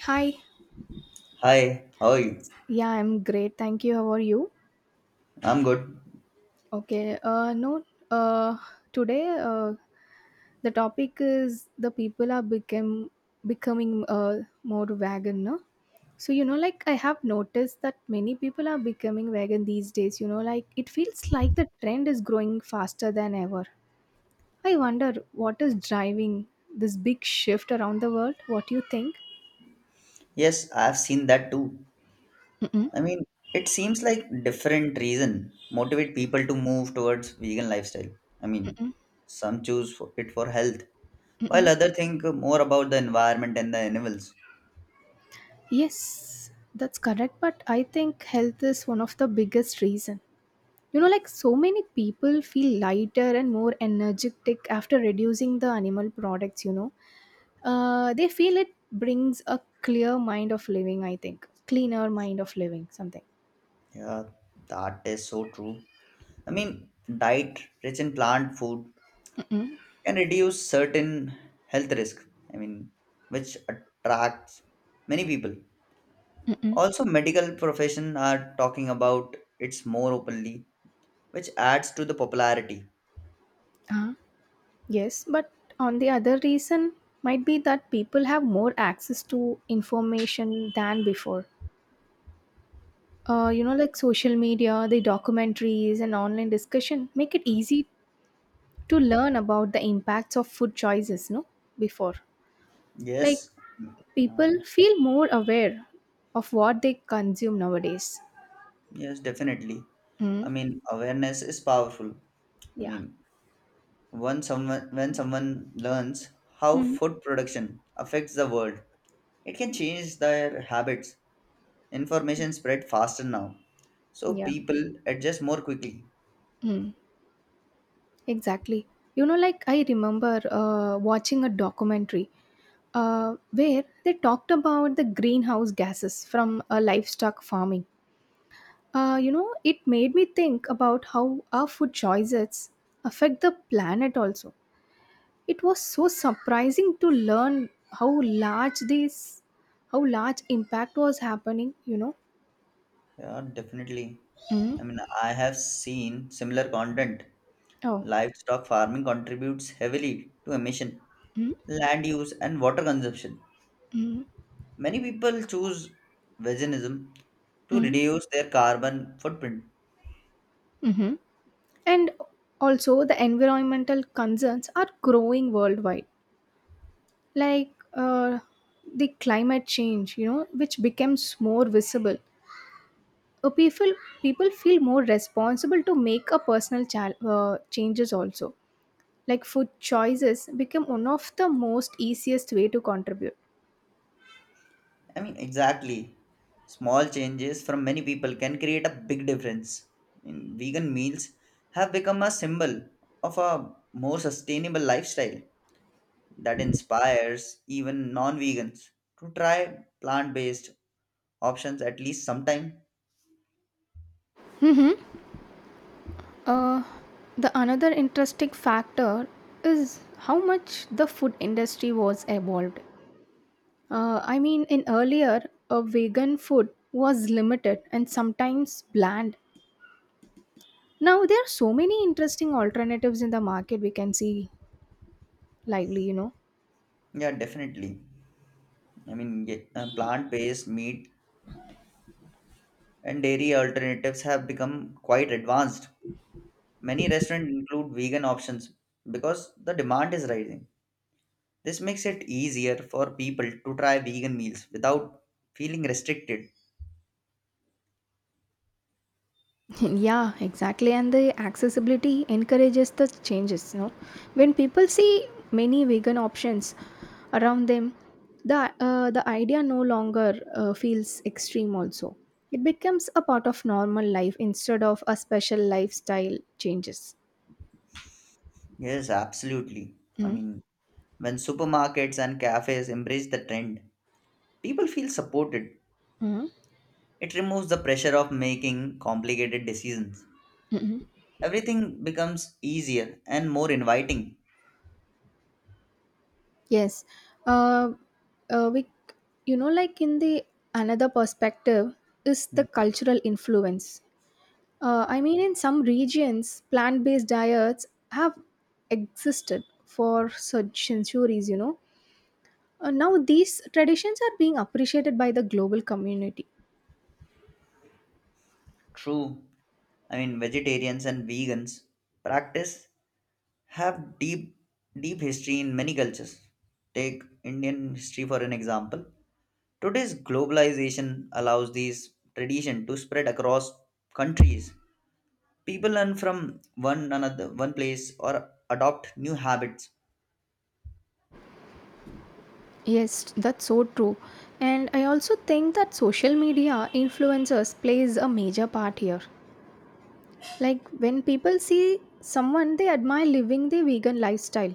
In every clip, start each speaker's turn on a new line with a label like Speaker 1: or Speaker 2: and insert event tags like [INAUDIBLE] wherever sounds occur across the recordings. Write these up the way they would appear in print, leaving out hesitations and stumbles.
Speaker 1: Hi.
Speaker 2: Hi, how are you?
Speaker 1: Yeah, I'm great. Thank you. How are you?
Speaker 2: I'm good.
Speaker 1: Okay. No. Uh, Today, the topic is the people are become becoming more vegan. No? Like I have noticed that many people are becoming vegan these days. Like it feels like the trend is growing faster than ever. I wonder what is driving this big shift around the world. What do you think?
Speaker 2: Yes, I've seen that too.
Speaker 1: Mm-mm.
Speaker 2: I mean, it seems like different reason motivate people to move towards vegan lifestyle. I mean, some choose for it for health, while
Speaker 1: Mm-mm.
Speaker 2: other think more about the environment and the animals.
Speaker 1: Yes, that's correct. But I think health is one of the biggest reason. Like so many people feel lighter and more energetic after reducing the animal products. They feel it brings a clear mind of living. I think cleaner mind of living. Something.
Speaker 2: Yeah, that is so true. I mean, diet rich in plant food
Speaker 1: Mm-mm,
Speaker 2: can reduce certain health risk. I mean, which attracts many people.
Speaker 1: mm-mm.
Speaker 2: Also, medical profession are talking about it's more openly, which adds to the popularity.
Speaker 1: Uh, yes, but on the other reason might be that people have more access to information than before, like social media, the documentaries and online discussion make it easy to learn about the impacts of food choices, no? Before. Like
Speaker 2: Yes,
Speaker 1: people
Speaker 2: uh,
Speaker 1: feel more aware of what they consume nowadays.
Speaker 2: yes, definitely.
Speaker 1: Mm.
Speaker 2: Awareness is powerful. I
Speaker 1: Yeah.
Speaker 2: mean, when someone learns how
Speaker 1: Mm.
Speaker 2: food production affects the world, it can change their habits. Information spread faster now, so
Speaker 1: Yeah.
Speaker 2: people adjust more quickly.
Speaker 1: Mm. Exactly. Like I remember watching a documentary where they talked about the greenhouse gases from livestock farming. It made me think about how our food choices affect the planet also. It was so surprising to learn how how large impact was happening, you know.
Speaker 2: Yeah, definitely.
Speaker 1: Mm.
Speaker 2: I have seen similar content.
Speaker 1: Oh.
Speaker 2: Livestock farming contributes heavily to emission,
Speaker 1: Mm.
Speaker 2: land use, and water consumption.
Speaker 1: Mm.
Speaker 2: Many people choose veganism to
Speaker 1: Mm.
Speaker 2: reduce their carbon footprint.
Speaker 1: Mm-hmm. And also the environmental concerns are growing worldwide. Like the climate change, you know, which becomes more visible Uh, people people feel more responsible to make a personal changes also, like food choices become one of the most easiest way to contribute.
Speaker 2: Exactly. Small changes from many people can create a big difference. In vegan meals have become a symbol of a more sustainable lifestyle that inspires even non-vegans to try plant-based options at least sometime.
Speaker 1: Hmm. Uh, the another interesting factor is how much the food industry was evolved. I mean in earlier, a vegan food was limited and sometimes bland. Now there are so many interesting alternatives in the market we can see lively, you know.
Speaker 2: Yeah, definitely. Plant-based meat and dairy alternatives have become quite advanced. Many restaurants include vegan options because the demand is rising. This makes it easier for people to try vegan meals without feeling restricted.
Speaker 1: [LAUGHS] Yeah, exactly. And the accessibility encourages the changes. No, when people see many vegan options around them, the the idea no longer feels extreme. Also, it becomes a part of normal life instead of a special lifestyle changes.
Speaker 2: Yes, absolutely. I
Speaker 1: Mm,
Speaker 2: mean, when supermarkets and cafes embrace the trend, people feel supported.
Speaker 1: mm,
Speaker 2: It removes the pressure of making complicated decisions.
Speaker 1: mm.
Speaker 2: Everything becomes easier and more inviting.
Speaker 1: Yes. Uh, uh, we, like in the another perspective is the cultural influence. I mean, in some regions, plant based diets have existed for such centuries, you know. Now, these traditions are being appreciated by the global community.
Speaker 2: True. Vegetarians and vegans practice have deep, deep history in many cultures. Take Indian history for an example. Today's globalization allows these tradition to spread across countries. People learn from one another, one place, or adopt new habits.
Speaker 1: Yes, that's so true. And I also think that social media influencers plays a major part here. Like when people see someone they admire living the vegan lifestyle,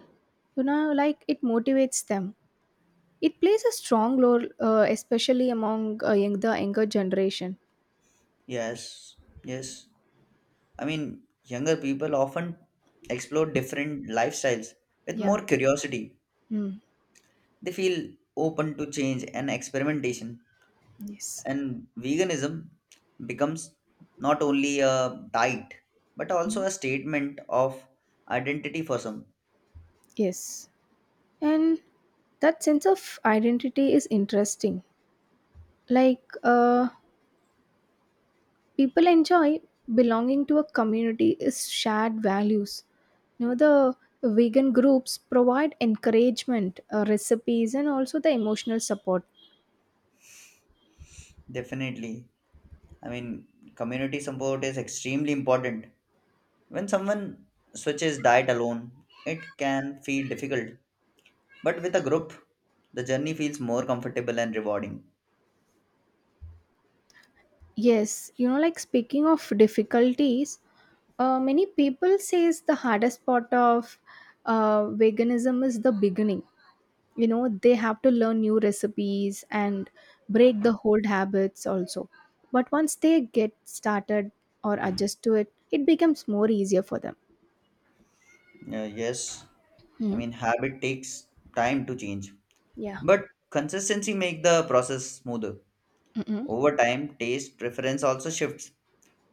Speaker 1: like it motivates them. It plays a strong role, especially among the younger generation.
Speaker 2: Yes, yes. Younger people often explore different lifestyles with
Speaker 1: Yeah.
Speaker 2: more curiosity.
Speaker 1: Mm,
Speaker 2: They feel open to change and experimentation,
Speaker 1: yes.
Speaker 2: and veganism becomes not only a diet but also
Speaker 1: Mhm.
Speaker 2: a statement of identity for some.
Speaker 1: Yes. And that sense of identity is interesting. Like, people enjoy belonging to a community is shared values. You know, the vegan groups provide encouragement, recipes, and also the emotional support.
Speaker 2: Definitely, I mean, community support is extremely important. When someone switches diet alone, it can feel difficult, but with a group, the journey feels more comfortable and rewarding.
Speaker 1: Yes, you know, like speaking of difficulties, many people says the hardest part of veganism is the beginning. You know, they have to learn new recipes and break the old habits also, but once they get started or adjust to it, it becomes more easier for them.
Speaker 2: Yes,
Speaker 1: Mm.
Speaker 2: habit takes time to change,
Speaker 1: Yeah.
Speaker 2: but consistency make the process smoother.
Speaker 1: Mm-mm.
Speaker 2: Over time, taste preference also shifts.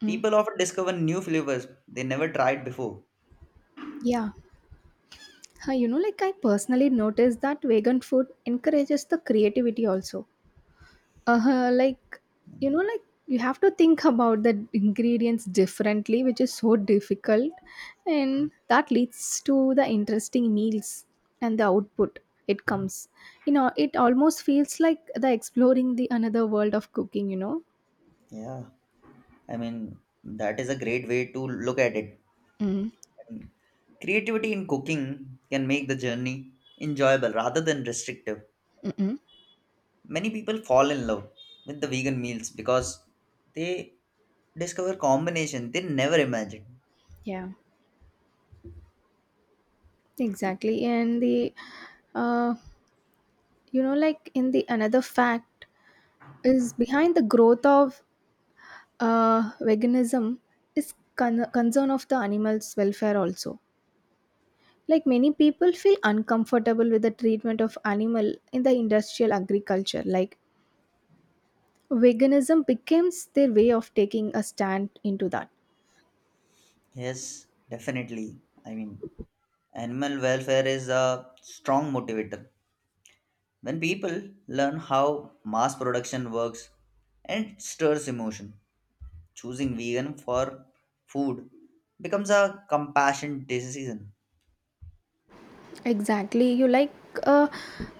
Speaker 1: Mm.
Speaker 2: People often discover new flavors they never tried before.
Speaker 1: Yeah. Huh, you know, like I personally noticed that vegan food encourages the creativity also. Like like you have to think about the ingredients differently, which is so difficult, and that leads to the interesting meals and the output it comes. You know, it almost feels like the exploring the another world of cooking. You know.
Speaker 2: Yeah, I mean, that is a great way to look at it.
Speaker 1: Mm.
Speaker 2: Creativity in cooking can make the journey enjoyable rather than restrictive.
Speaker 1: Mm-mm.
Speaker 2: Many people fall in love with the vegan meals because they discover combination they never imagined.
Speaker 1: Yeah, exactly. And uh, like in the another fact is behind the growth of veganism is concern of the animal's welfare also, like many people feel uncomfortable with the treatment of animal in the industrial agriculture, like veganism becomes their way of taking a stand into that.
Speaker 2: Yes, definitely. Animal welfare is a strong motivator. When people learn how mass production works and it stirs emotion, choosing vegan for food becomes a compassionate decision.
Speaker 1: Exactly, you like, uh,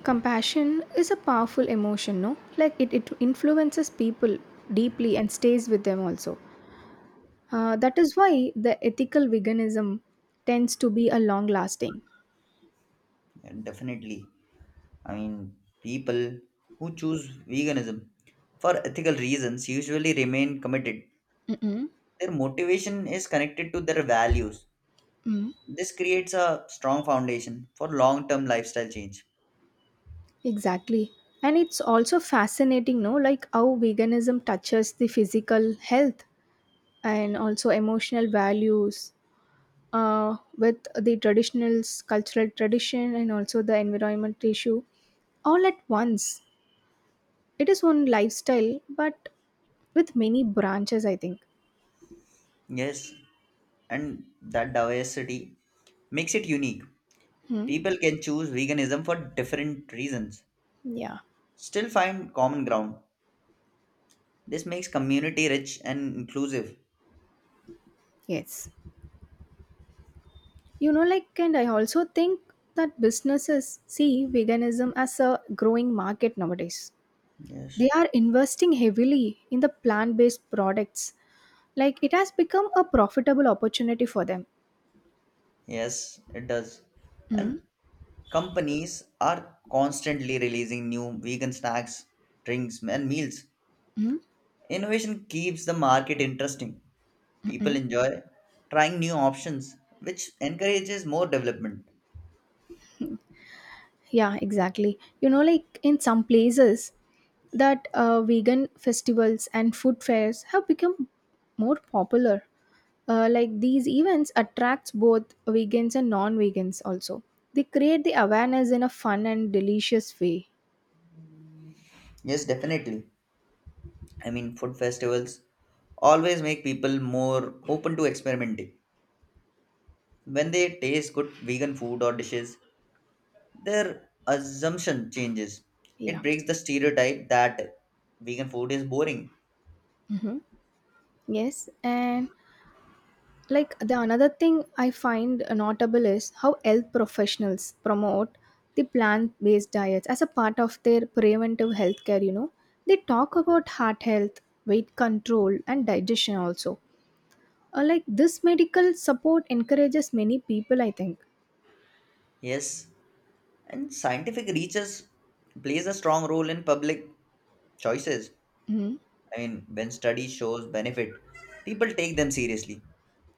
Speaker 1: compassion is a powerful emotion, no, like it influences people deeply and stays with them also. That is why the ethical veganism tends to be a long lasting.
Speaker 2: And definitely, I mean, people who choose veganism for ethical reasons usually remain committed.
Speaker 1: Mm-mm.
Speaker 2: Their motivation is connected to their values.
Speaker 1: Mm.
Speaker 2: This creates a strong foundation for long term lifestyle change.
Speaker 1: Exactly. And it's also fascinating, no, like how veganism touches the physical health and also emotional values with the traditional cultural tradition and also the environment issue all at once. It is one lifestyle, but with many branches, I think.
Speaker 2: Yes, and that diversity makes it unique.
Speaker 1: Hmm.
Speaker 2: People can choose veganism for different reasons,
Speaker 1: Yeah.
Speaker 2: still find common ground. This makes community rich and inclusive.
Speaker 1: Yes. Like, and I also think that businesses see veganism as a growing market nowadays.
Speaker 2: Yes,
Speaker 1: They are investing heavily in the plant based products. Like it has become a profitable opportunity for them.
Speaker 2: yes, it does.
Speaker 1: Mm,
Speaker 2: And companies are constantly releasing new vegan snacks, drinks, and meals.
Speaker 1: mm, mm,
Speaker 2: Innovation keeps the market interesting. People
Speaker 1: mm.
Speaker 2: enjoy trying new options, which encourages more development.
Speaker 1: Yeah, exactly. You know, like in some places, that vegan festivals and food fairs have become more popular. Like these events attracts both vegans and non-vegans also. They create the awareness in a fun and delicious way.
Speaker 2: Yes, definitely. Food festivals always make people more open to experimenting. When they taste good vegan food or dishes, their assumption changes.
Speaker 1: Yeah.
Speaker 2: It breaks the stereotype that vegan food is boring.
Speaker 1: Hmm. Yes, and like the another thing I find notable is how health professionals promote the plant-based diets as a part of their preventive health care. You know, they talk about heart health, weight control and digestion also. Like this medical support encourages many people, I think.
Speaker 2: Yes, and scientific research plays a strong role in public choices.
Speaker 1: Hmm.
Speaker 2: When study shows benefit, people take them seriously.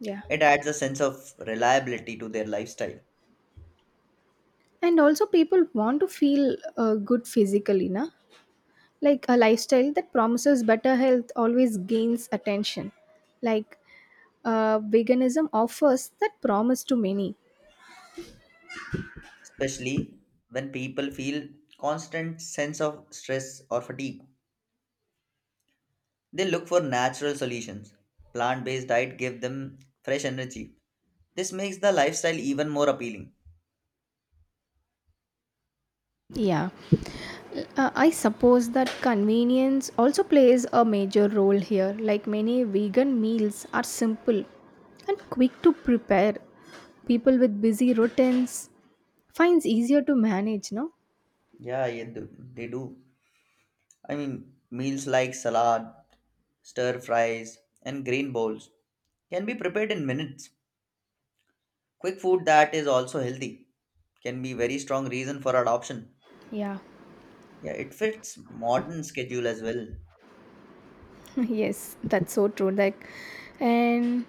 Speaker 1: Yeah.
Speaker 2: It adds a sense of reliability to their lifestyle.
Speaker 1: And also people want to feel good physically na, like a lifestyle that promises better health always gains attention, like veganism offers that promise to many.
Speaker 2: Especially when people feel constant sense of stress or fatigue. They look for natural solutions. Plant-based diet give them fresh energy. This makes the lifestyle even more appealing.
Speaker 1: Yeah, I suppose that convenience also plays a major role here. Like many vegan meals are simple and quick to prepare. People with busy routines finds easier to manage, no?
Speaker 2: Yeah, yeah, they do. Meals like salad, stir fries, and green bowls can be prepared in minutes. Quick food that is also healthy can be very strong reason for adoption.
Speaker 1: Yeah.
Speaker 2: Yeah, it fits modern schedule as well.
Speaker 1: [LAUGHS] Yes, that's so true. Like and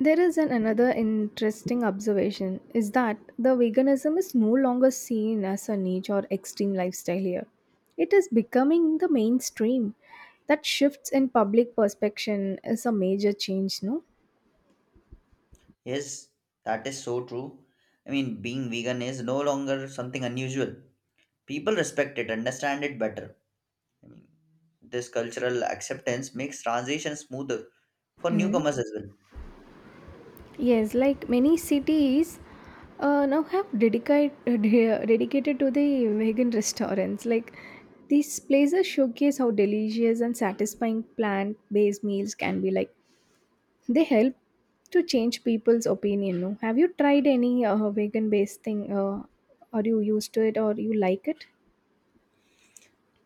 Speaker 1: there is an another interesting observation is that the veganism is no longer seen as a niche or extreme lifestyle here. It is becoming the mainstream. That shifts in public perception is a major change, no?
Speaker 2: Yes, that is so true. Being vegan is no longer something unusual. People respect it, understand it better. I mean, this cultural acceptance makes transition smoother for
Speaker 1: Mm.
Speaker 2: newcomers as well.
Speaker 1: Yes, like many cities now have dedicated to the vegan restaurants. Like these places showcase how delicious and satisfying plant-based meals can be, like they help to change people's opinion. No, have you tried any vegan based thing? Are you used to it or you like it?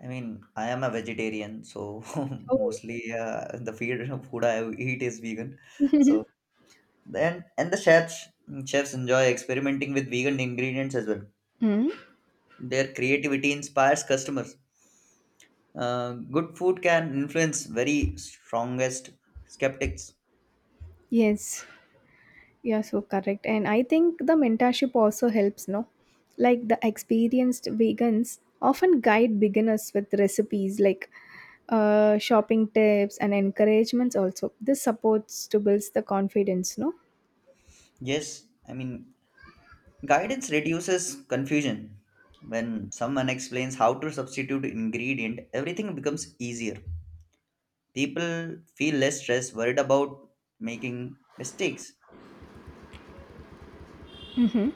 Speaker 2: I am a vegetarian, so [LAUGHS]
Speaker 1: Oh,
Speaker 2: mostly the feed, [LAUGHS] food I eat is vegan. So then, and the chefs enjoy experimenting with vegan ingredients as well.
Speaker 1: hmm,
Speaker 2: Their creativity inspires customers. Good food can influence very strongest skeptics.
Speaker 1: yes, you are so correct. And I think the mentorship also helps, no? Like the experienced vegans often guide beginners with recipes, like shopping tips and encouragements also. This supports to build the confidence, no?
Speaker 2: Yes, guidance reduces confusion. When someone explains how to substitute ingredient, everything becomes easier. People feel less stressed, worried about making mistakes.
Speaker 1: Mhm.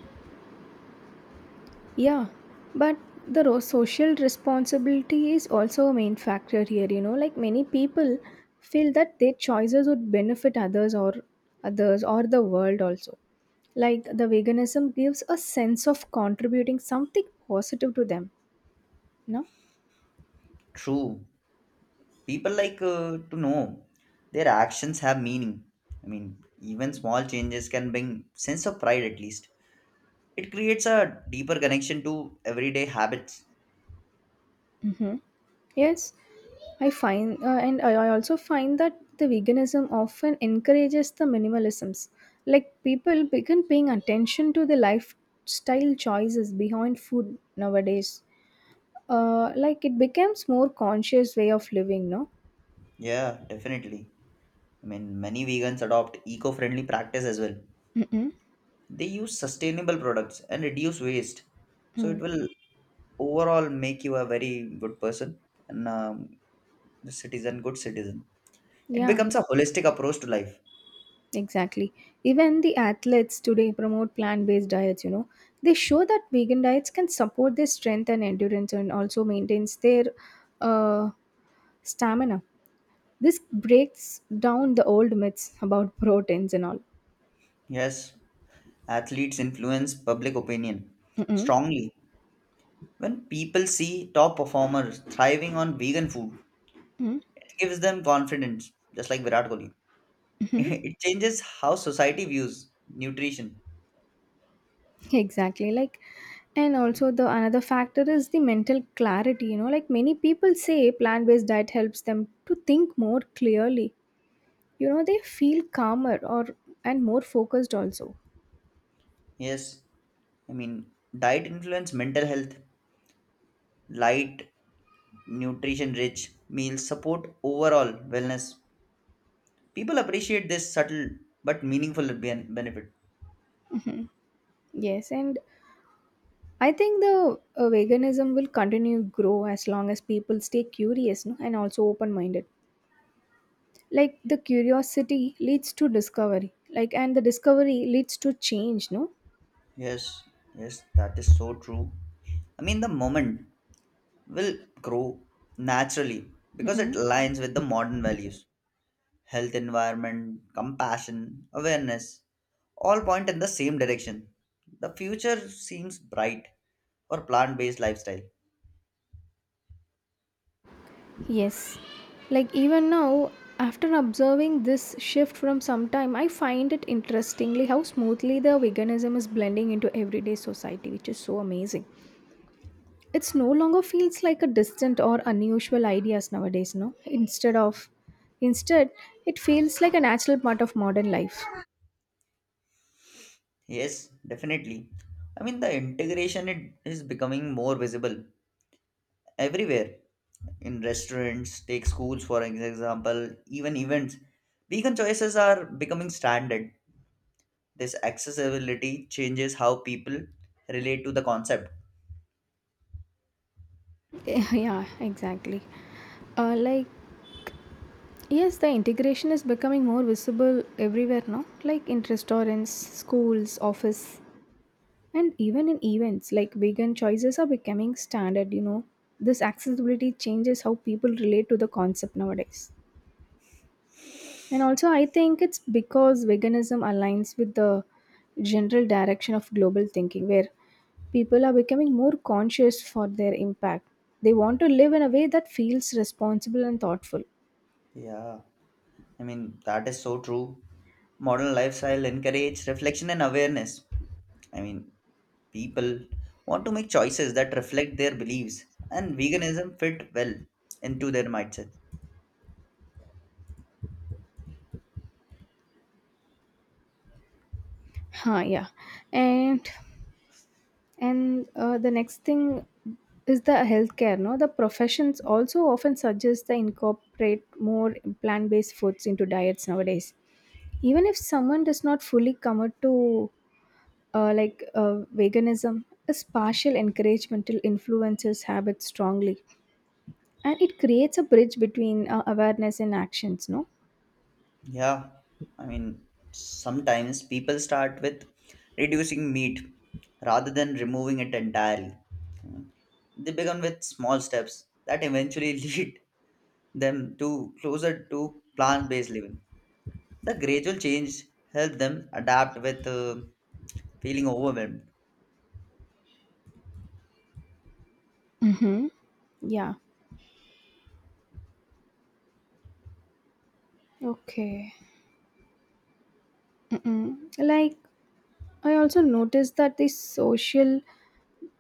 Speaker 1: Yeah, but the social responsibility is also a main factor here, you know, like many people feel that their choices would benefit others or the world also. Like the veganism gives a sense of contributing something positive to them, no?
Speaker 2: True, people like to know their actions have meaning. Even small changes can bring sense of pride at least. It creates a deeper connection to everyday habits.
Speaker 1: Mm-hmm. Yes. I also find that the veganism often encourages the minimalisms. Like people begin paying attention to the lifestyle choices behind food nowadays. Like it becomes more conscious way of living, no?
Speaker 2: Yeah, definitely. Many vegans adopt eco friendly practice as well.
Speaker 1: Mm-mm.
Speaker 2: They use sustainable products and reduce waste. So it
Speaker 1: Mm.
Speaker 2: will overall make you a very good person and a citizen, good citizen. It
Speaker 1: Yeah,
Speaker 2: becomes a holistic approach to life.
Speaker 1: exactly. Even the athletes today promote plant-based diets, you know. They show that vegan diets can support their strength and endurance and also maintains their uh, stamina. This breaks down the old myths about proteins and all.
Speaker 2: Yes, athletes influence public opinion
Speaker 1: Mm-mm.
Speaker 2: strongly. When people see top performers thriving on vegan food,
Speaker 1: Mm,
Speaker 2: it gives them confidence, just like Virat Kohli.
Speaker 1: mhm.
Speaker 2: [LAUGHS] It changes how society views nutrition.
Speaker 1: Exactly. Like, and also the another factor is the mental clarity. You know, like many people say, plant-based diet helps them to think more clearly. You know, they feel calmer or and more focused also.
Speaker 2: Yes, I mean, diet influence mental health. Light, nutrition rich meals support overall wellness. People appreciate this subtle but meaningful benefit.
Speaker 1: Hmm. Yes, and I think the veganism will continue to grow as long as people stay curious, no, and also open-minded. Like the curiosity leads to discovery, like, and the discovery leads to change, no.
Speaker 2: Yes, yes, that is so true. The moment will grow naturally because it
Speaker 1: Mm-mm.
Speaker 2: aligns with the modern values. Health, environment, compassion, awareness all point in the same direction. The future seems bright for plant based lifestyle.
Speaker 1: Yes. Like even now, after observing this shift from some time, I find it interestingly how smoothly the veganism is blending into everyday society, which is so amazing. It's no longer feels like a distant or unusual ideas nowadays, no, instead it feels like a natural part of modern life.
Speaker 2: Yes, definitely. The integration it is becoming more visible everywhere in restaurants, take schools for example, even events. Vegan choices are becoming standard. This accessibility changes how people relate to the concept.
Speaker 1: [LAUGHS] Yeah, exactly. uh, like Yes, the integration is becoming more visible everywhere now, like in restaurants, schools, office, and even in events, like vegan choices are becoming standard, you know. This accessibility changes how people relate to the concept nowadays. And also I think it's because veganism aligns with the general direction of global thinking where people are becoming more conscious for their impact. They want to live in a way that feels responsible and thoughtful.
Speaker 2: Yeah, that is so true. Modern lifestyle encourage reflection and awareness. I mean, People want to make choices that reflect their beliefs, and veganism fit well into their mindset.
Speaker 1: Huh, yeah. And And the next thing is the healthcare. No, the professions also often suggest they incorporate more plant-based foods into diets nowadays. Even if someone does not fully commit to veganism, is partial encouragement will influences habits strongly, and it creates a bridge between awareness and actions. No.
Speaker 2: Yeah, I mean, sometimes people start with reducing meat rather than removing it entirely. Mm. They begin with small steps that eventually [LAUGHS] lead them to closer to plant-based living. The gradual change helps them adapt with feeling overwhelmed.
Speaker 1: Mm-hmm. Yeah. Okay. Mm-mm. Like I also noticed that the social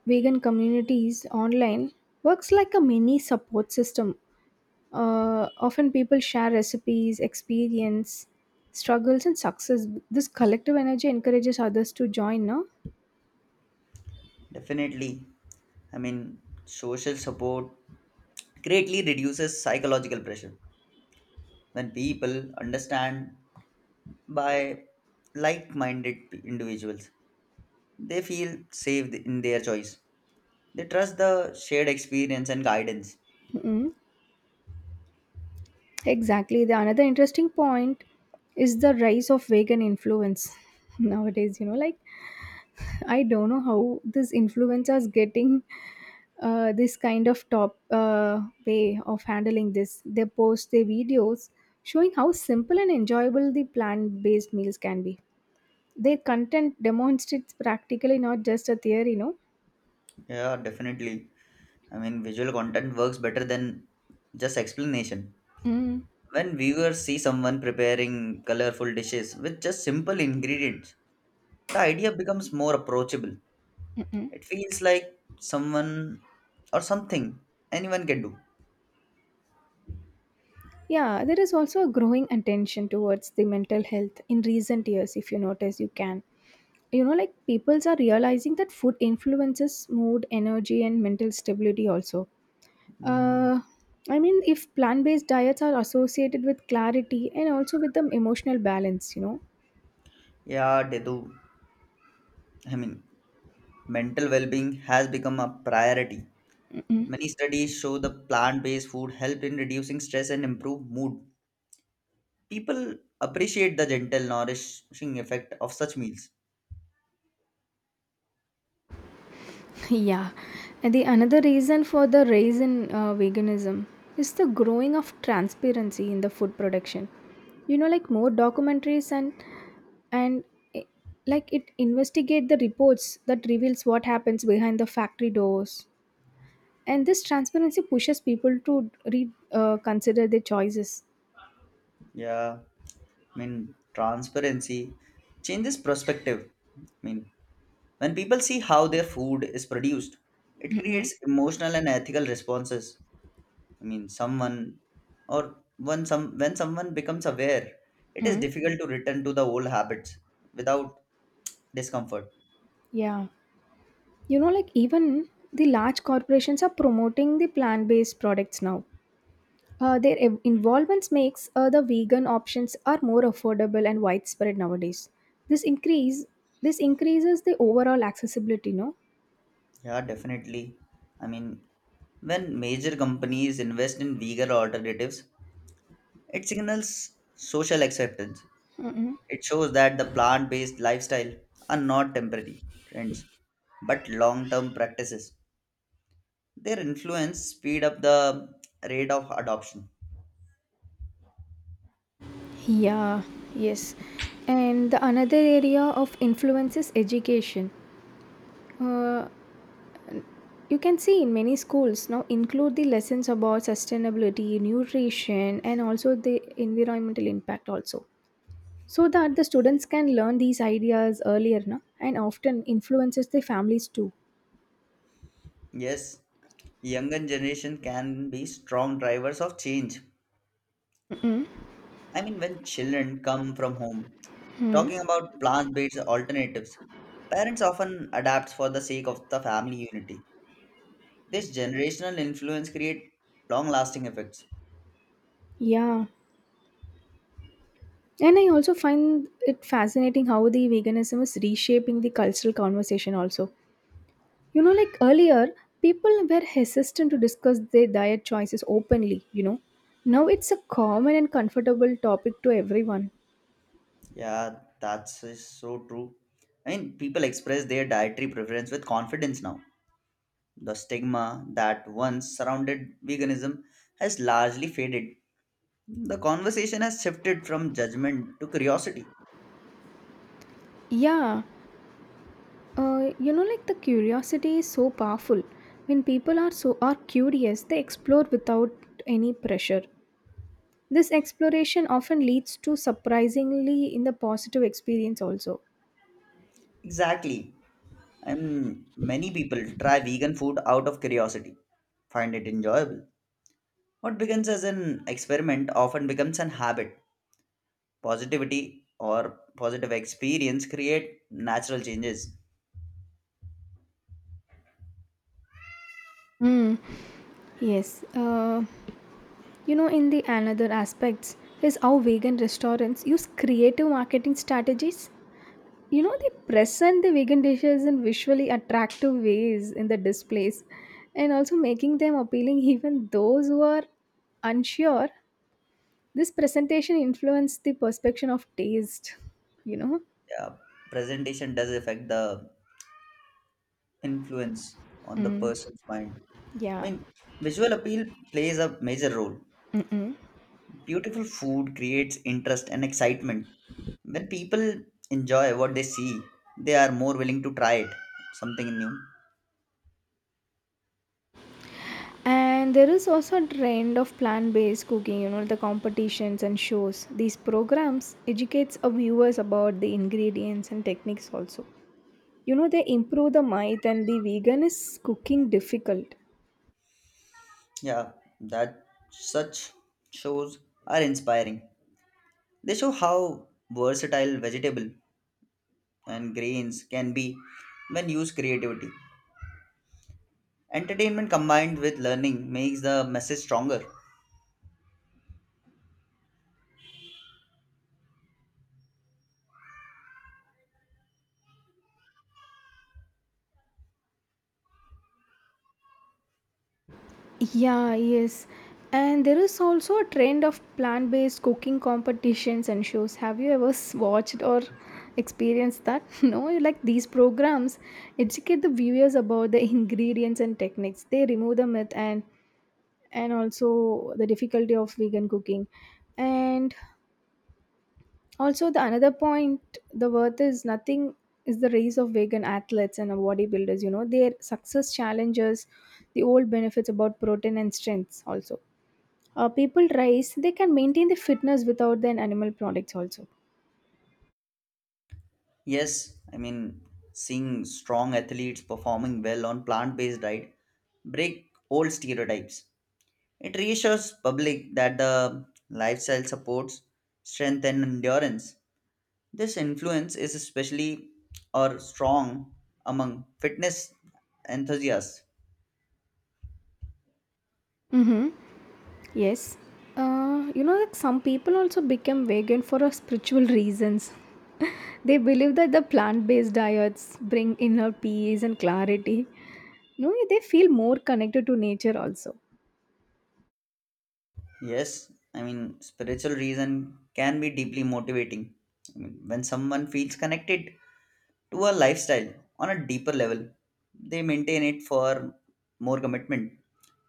Speaker 1: vegan communities online works like a mini support system. Often people share recipes, experience, struggles, and success. This collective energy encourages others to join. No,
Speaker 2: Definitely, I mean, social support greatly reduces psychological pressure when people understand by like-minded individuals, they feel safe in their choice. They trust the shared experience and guidance.
Speaker 1: mm, exactly. The another interesting point is the rise of vegan influence [LAUGHS] nowadays. You know, like I don't know how this influencers getting this kind of top way of handling this. They post their videos showing how simple and enjoyable the plant-based meals can be. Their content demonstrates practically not just a theory, no.
Speaker 2: Yeah, definitely. Visual content works better than just explanation.
Speaker 1: Mm,
Speaker 2: When viewers see someone preparing colorful dishes with just simple ingredients, the idea becomes more approachable.
Speaker 1: mm-mm.
Speaker 2: It feels like someone or something anyone can do.
Speaker 1: Yeah, there is also a growing attention towards the mental health in recent years. If you notice, you can. You know, like peoples are realizing that food influences mood, energy, and mental stability also.
Speaker 2: Mm.
Speaker 1: Uh, I mean, if plant based diets are associated with clarity and also with the emotional balance, you know.
Speaker 2: Yeah, Detu, I mean, mental well-being has become a priority. Many studies show the plant-based food helped in reducing stress and improve mood. People appreciate the gentle, nourishing effect of such meals.
Speaker 1: [LAUGHS] yeah. And the another reason for the rise in veganism is the growing of transparency in the food production. You know, like more documentaries and and eh, like it investigate the reports that reveals what happens behind the factory doors. And this transparency pushes people to re consider their choices.
Speaker 2: Yeah, transparency changes perspective. I mean, when people see how their food is produced, it
Speaker 1: Mm-mm.
Speaker 2: creates emotional and ethical responses. Someone or when some when someone becomes aware, it is
Speaker 1: Mm.
Speaker 2: difficult to return to the old habits without discomfort.
Speaker 1: Yeah. You know, like even the large corporations are promoting the plant-based products now. Their involvements makes the vegan options are more affordable and widespread nowadays. This increase this increases the overall accessibility, no?
Speaker 2: Yeah, definitely. I mean, when major companies invest in vegan alternatives, it signals social acceptance.
Speaker 1: Mm-mm.
Speaker 2: It shows that the plant-based lifestyle are not temporary trends, but long-term practices. Their influence speed up the rate of adoption.
Speaker 1: Yeah, yes. And the another area of influence is education. Uh, you can see in many schools now include the lessons about sustainability, nutrition, and also the environmental impact also. So that the students can learn these ideas earlier, na? And often influences their families too.
Speaker 2: Yes, younger generation can be strong drivers of change.
Speaker 1: Mm-hmm.
Speaker 2: When children come from home, talking about plant-based alternatives, parents often adapt for the sake of the family unity. This generational influence create long-lasting effects.
Speaker 1: Yeah, and I also find it fascinating how the veganism is reshaping the cultural conversation also. You know, like earlier people were hesitant to discuss their diet choices openly, you know, now it's a common and comfortable topic to everyone.
Speaker 2: Yeah, that's is so true. People express their dietary preference with confidence now. The stigma that once surrounded veganism has largely faded. The conversation has shifted from judgment to curiosity.
Speaker 1: Yeah. You know, like the curiosity is so powerful. When people are curious, they explore without any pressure. This exploration often leads to surprisingly in the positive experience also.
Speaker 2: Exactly. And many people try vegan food out of curiosity, find it enjoyable. What begins as an experiment often becomes an habit. Positivity or positive experience create natural changes.
Speaker 1: Mm, yes. You know, in the another aspects is how vegan restaurants use creative marketing strategies. You know, they present the vegan dishes in visually attractive ways in the displays, and also making them appealing [LAUGHS] even those who are unsure. This presentation influenced the perception of taste, you know.
Speaker 2: Yeah, presentation does affect the influence on the
Speaker 1: Mm,
Speaker 2: person's mind. I
Speaker 1: yeah.
Speaker 2: mean, visual appeal plays a major role.
Speaker 1: Mm-mm.
Speaker 2: Beautiful food creates interest and excitement. When people enjoy what they see, they are more willing to try it, something new.
Speaker 1: And there is also a trend of plant-based cooking, you know, the competitions and shows. These programs educates our viewers about the ingredients and techniques also. You know, they improve the myth and the vegan is cooking difficult.
Speaker 2: Yeah, that such shows are inspiring. They show how versatile vegetable and grains can be when used creativity. Entertainment combined with learning makes the message stronger.
Speaker 1: Yeah, yes. And there is also a trend of plant based cooking competitions and shows. Have you ever watched or experienced that? [LAUGHS] No, you like these programs educate the viewers about the ingredients and techniques. They remove the myth and also the difficulty of vegan cooking. And also the another point the worth is nothing is the race of vegan athletes and bodybuilders, you know, their success challenges, the old benefits about protein and strengths also. People rise. They can maintain the fitness without their animal products also.
Speaker 2: Yes, seeing strong athletes performing well on plant-based diet break old stereotypes. It reassures public that the lifestyle supports strength and endurance. This influence is especially or strong among fitness enthusiasts.
Speaker 1: Mm-hmm. Yes. You know, like some people also become vegan for a spiritual reasons. [LAUGHS] they believe that the plant-based diets bring inner peace and clarity. No, they feel more connected to nature also.
Speaker 2: Yes, spiritual reason can be deeply motivating. When someone feels connected to a lifestyle on a deeper level, they maintain it for more commitment.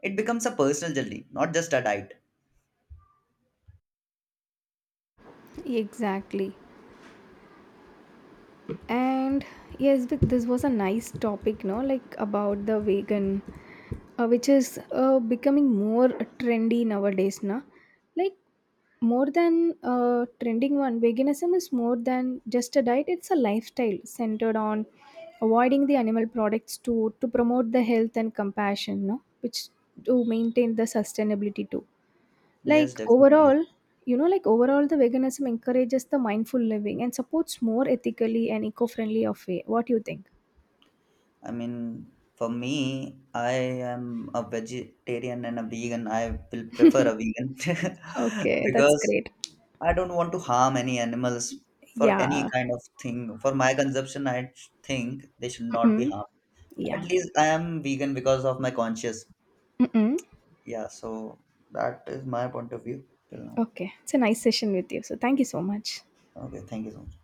Speaker 2: It becomes a personal journey, not just a diet.
Speaker 1: Exactly. And yes, this was a nice topic, no, like about the vegan, which is becoming more trendy nowadays, na, like more than trending one. Veganism is more than just a diet. It's a lifestyle centered on avoiding the animal products to promote the health and compassion, no, which to maintain the sustainability too.
Speaker 2: Yes,
Speaker 1: Like
Speaker 2: definitely.
Speaker 1: overall, you know, like overall, the veganism encourages the mindful living and supports more ethically and eco-friendly of way. What do you think?
Speaker 2: For me, I am a vegetarian and a vegan. I will prefer a
Speaker 1: [LAUGHS]
Speaker 2: vegan [LAUGHS]
Speaker 1: Okay, that's
Speaker 2: because
Speaker 1: great.
Speaker 2: I don't want to harm any animals for any
Speaker 1: Yeah.
Speaker 2: kind of thing. For my consumption, I think they should not be
Speaker 1: Mm-mm.
Speaker 2: harmed. At
Speaker 1: Yeah.
Speaker 2: least I am vegan because of my conscience.
Speaker 1: Mm-mm.
Speaker 2: Yeah, so that is my point of view till now.
Speaker 1: Okay. It's a nice session with you. So thank you so much.
Speaker 2: Okay, thank you so much.